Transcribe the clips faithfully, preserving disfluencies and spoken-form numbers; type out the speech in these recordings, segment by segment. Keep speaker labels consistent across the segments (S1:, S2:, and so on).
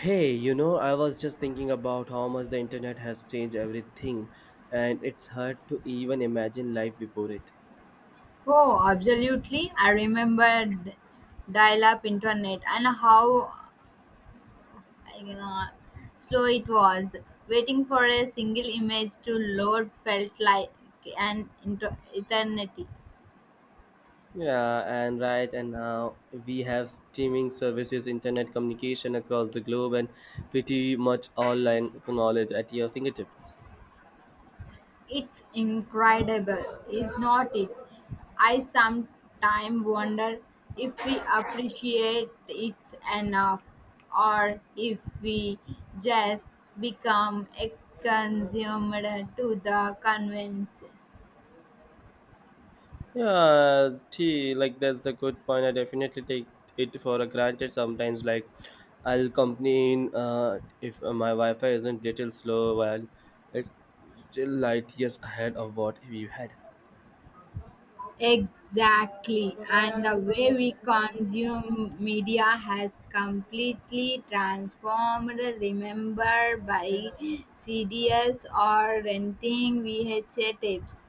S1: Hey, you know, I was just thinking about how much the internet has changed everything, and it's hard to even imagine life before it.
S2: Oh, absolutely. I remember d- dial up internet and how uh, slow it was. Waiting for a single image to load felt like an inter- eternity.
S1: Yeah. And right, and now we have streaming services, internet communication across the globe, and pretty much all online knowledge at your fingertips.
S2: It's incredible, is not it? I sometimes wonder if we appreciate it enough or if we just become a consumer to the convenience.
S1: Yeah, t like that's the good point. I definitely take it for granted sometimes. Like, I'll complain uh, if uh, my Wi-Fi isn't little slow while it's still light years ahead of what we had.
S2: Exactly. And the way we consume media has completely transformed. Remember by C Ds or renting V H A tapes.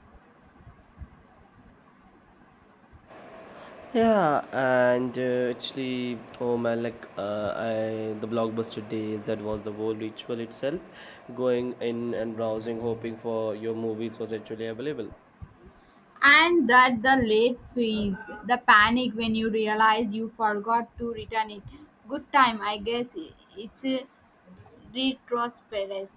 S1: Yeah, and uh, actually, oh man, like uh, I the blockbuster days, that was the whole ritual itself. Going in and browsing, hoping for your movies was actually available.
S2: And that the late fees, the panic when you realize you forgot to return it. Good time, I guess. It's a retrospect.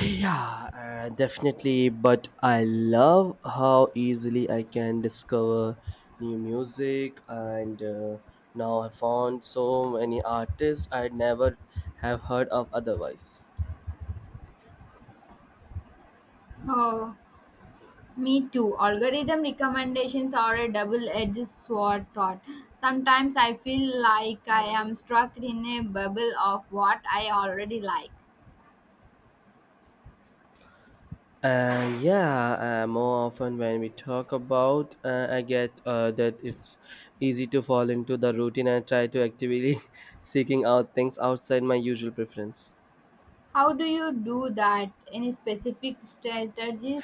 S1: Yeah, uh, definitely. But I love how easily I can discover new music, and uh, now I found so many artists I'd never have heard of otherwise.
S2: Oh. Me too. Algorithm recommendations are a double edged sword thought. Sometimes I feel like I am stuck in a bubble of what I already like.
S1: Uh, yeah, uh, more often when we talk about, uh, I get uh, that it's easy to fall into the routine and try to actively seeking out things outside my usual preference.
S2: How do you do that? Any specific strategies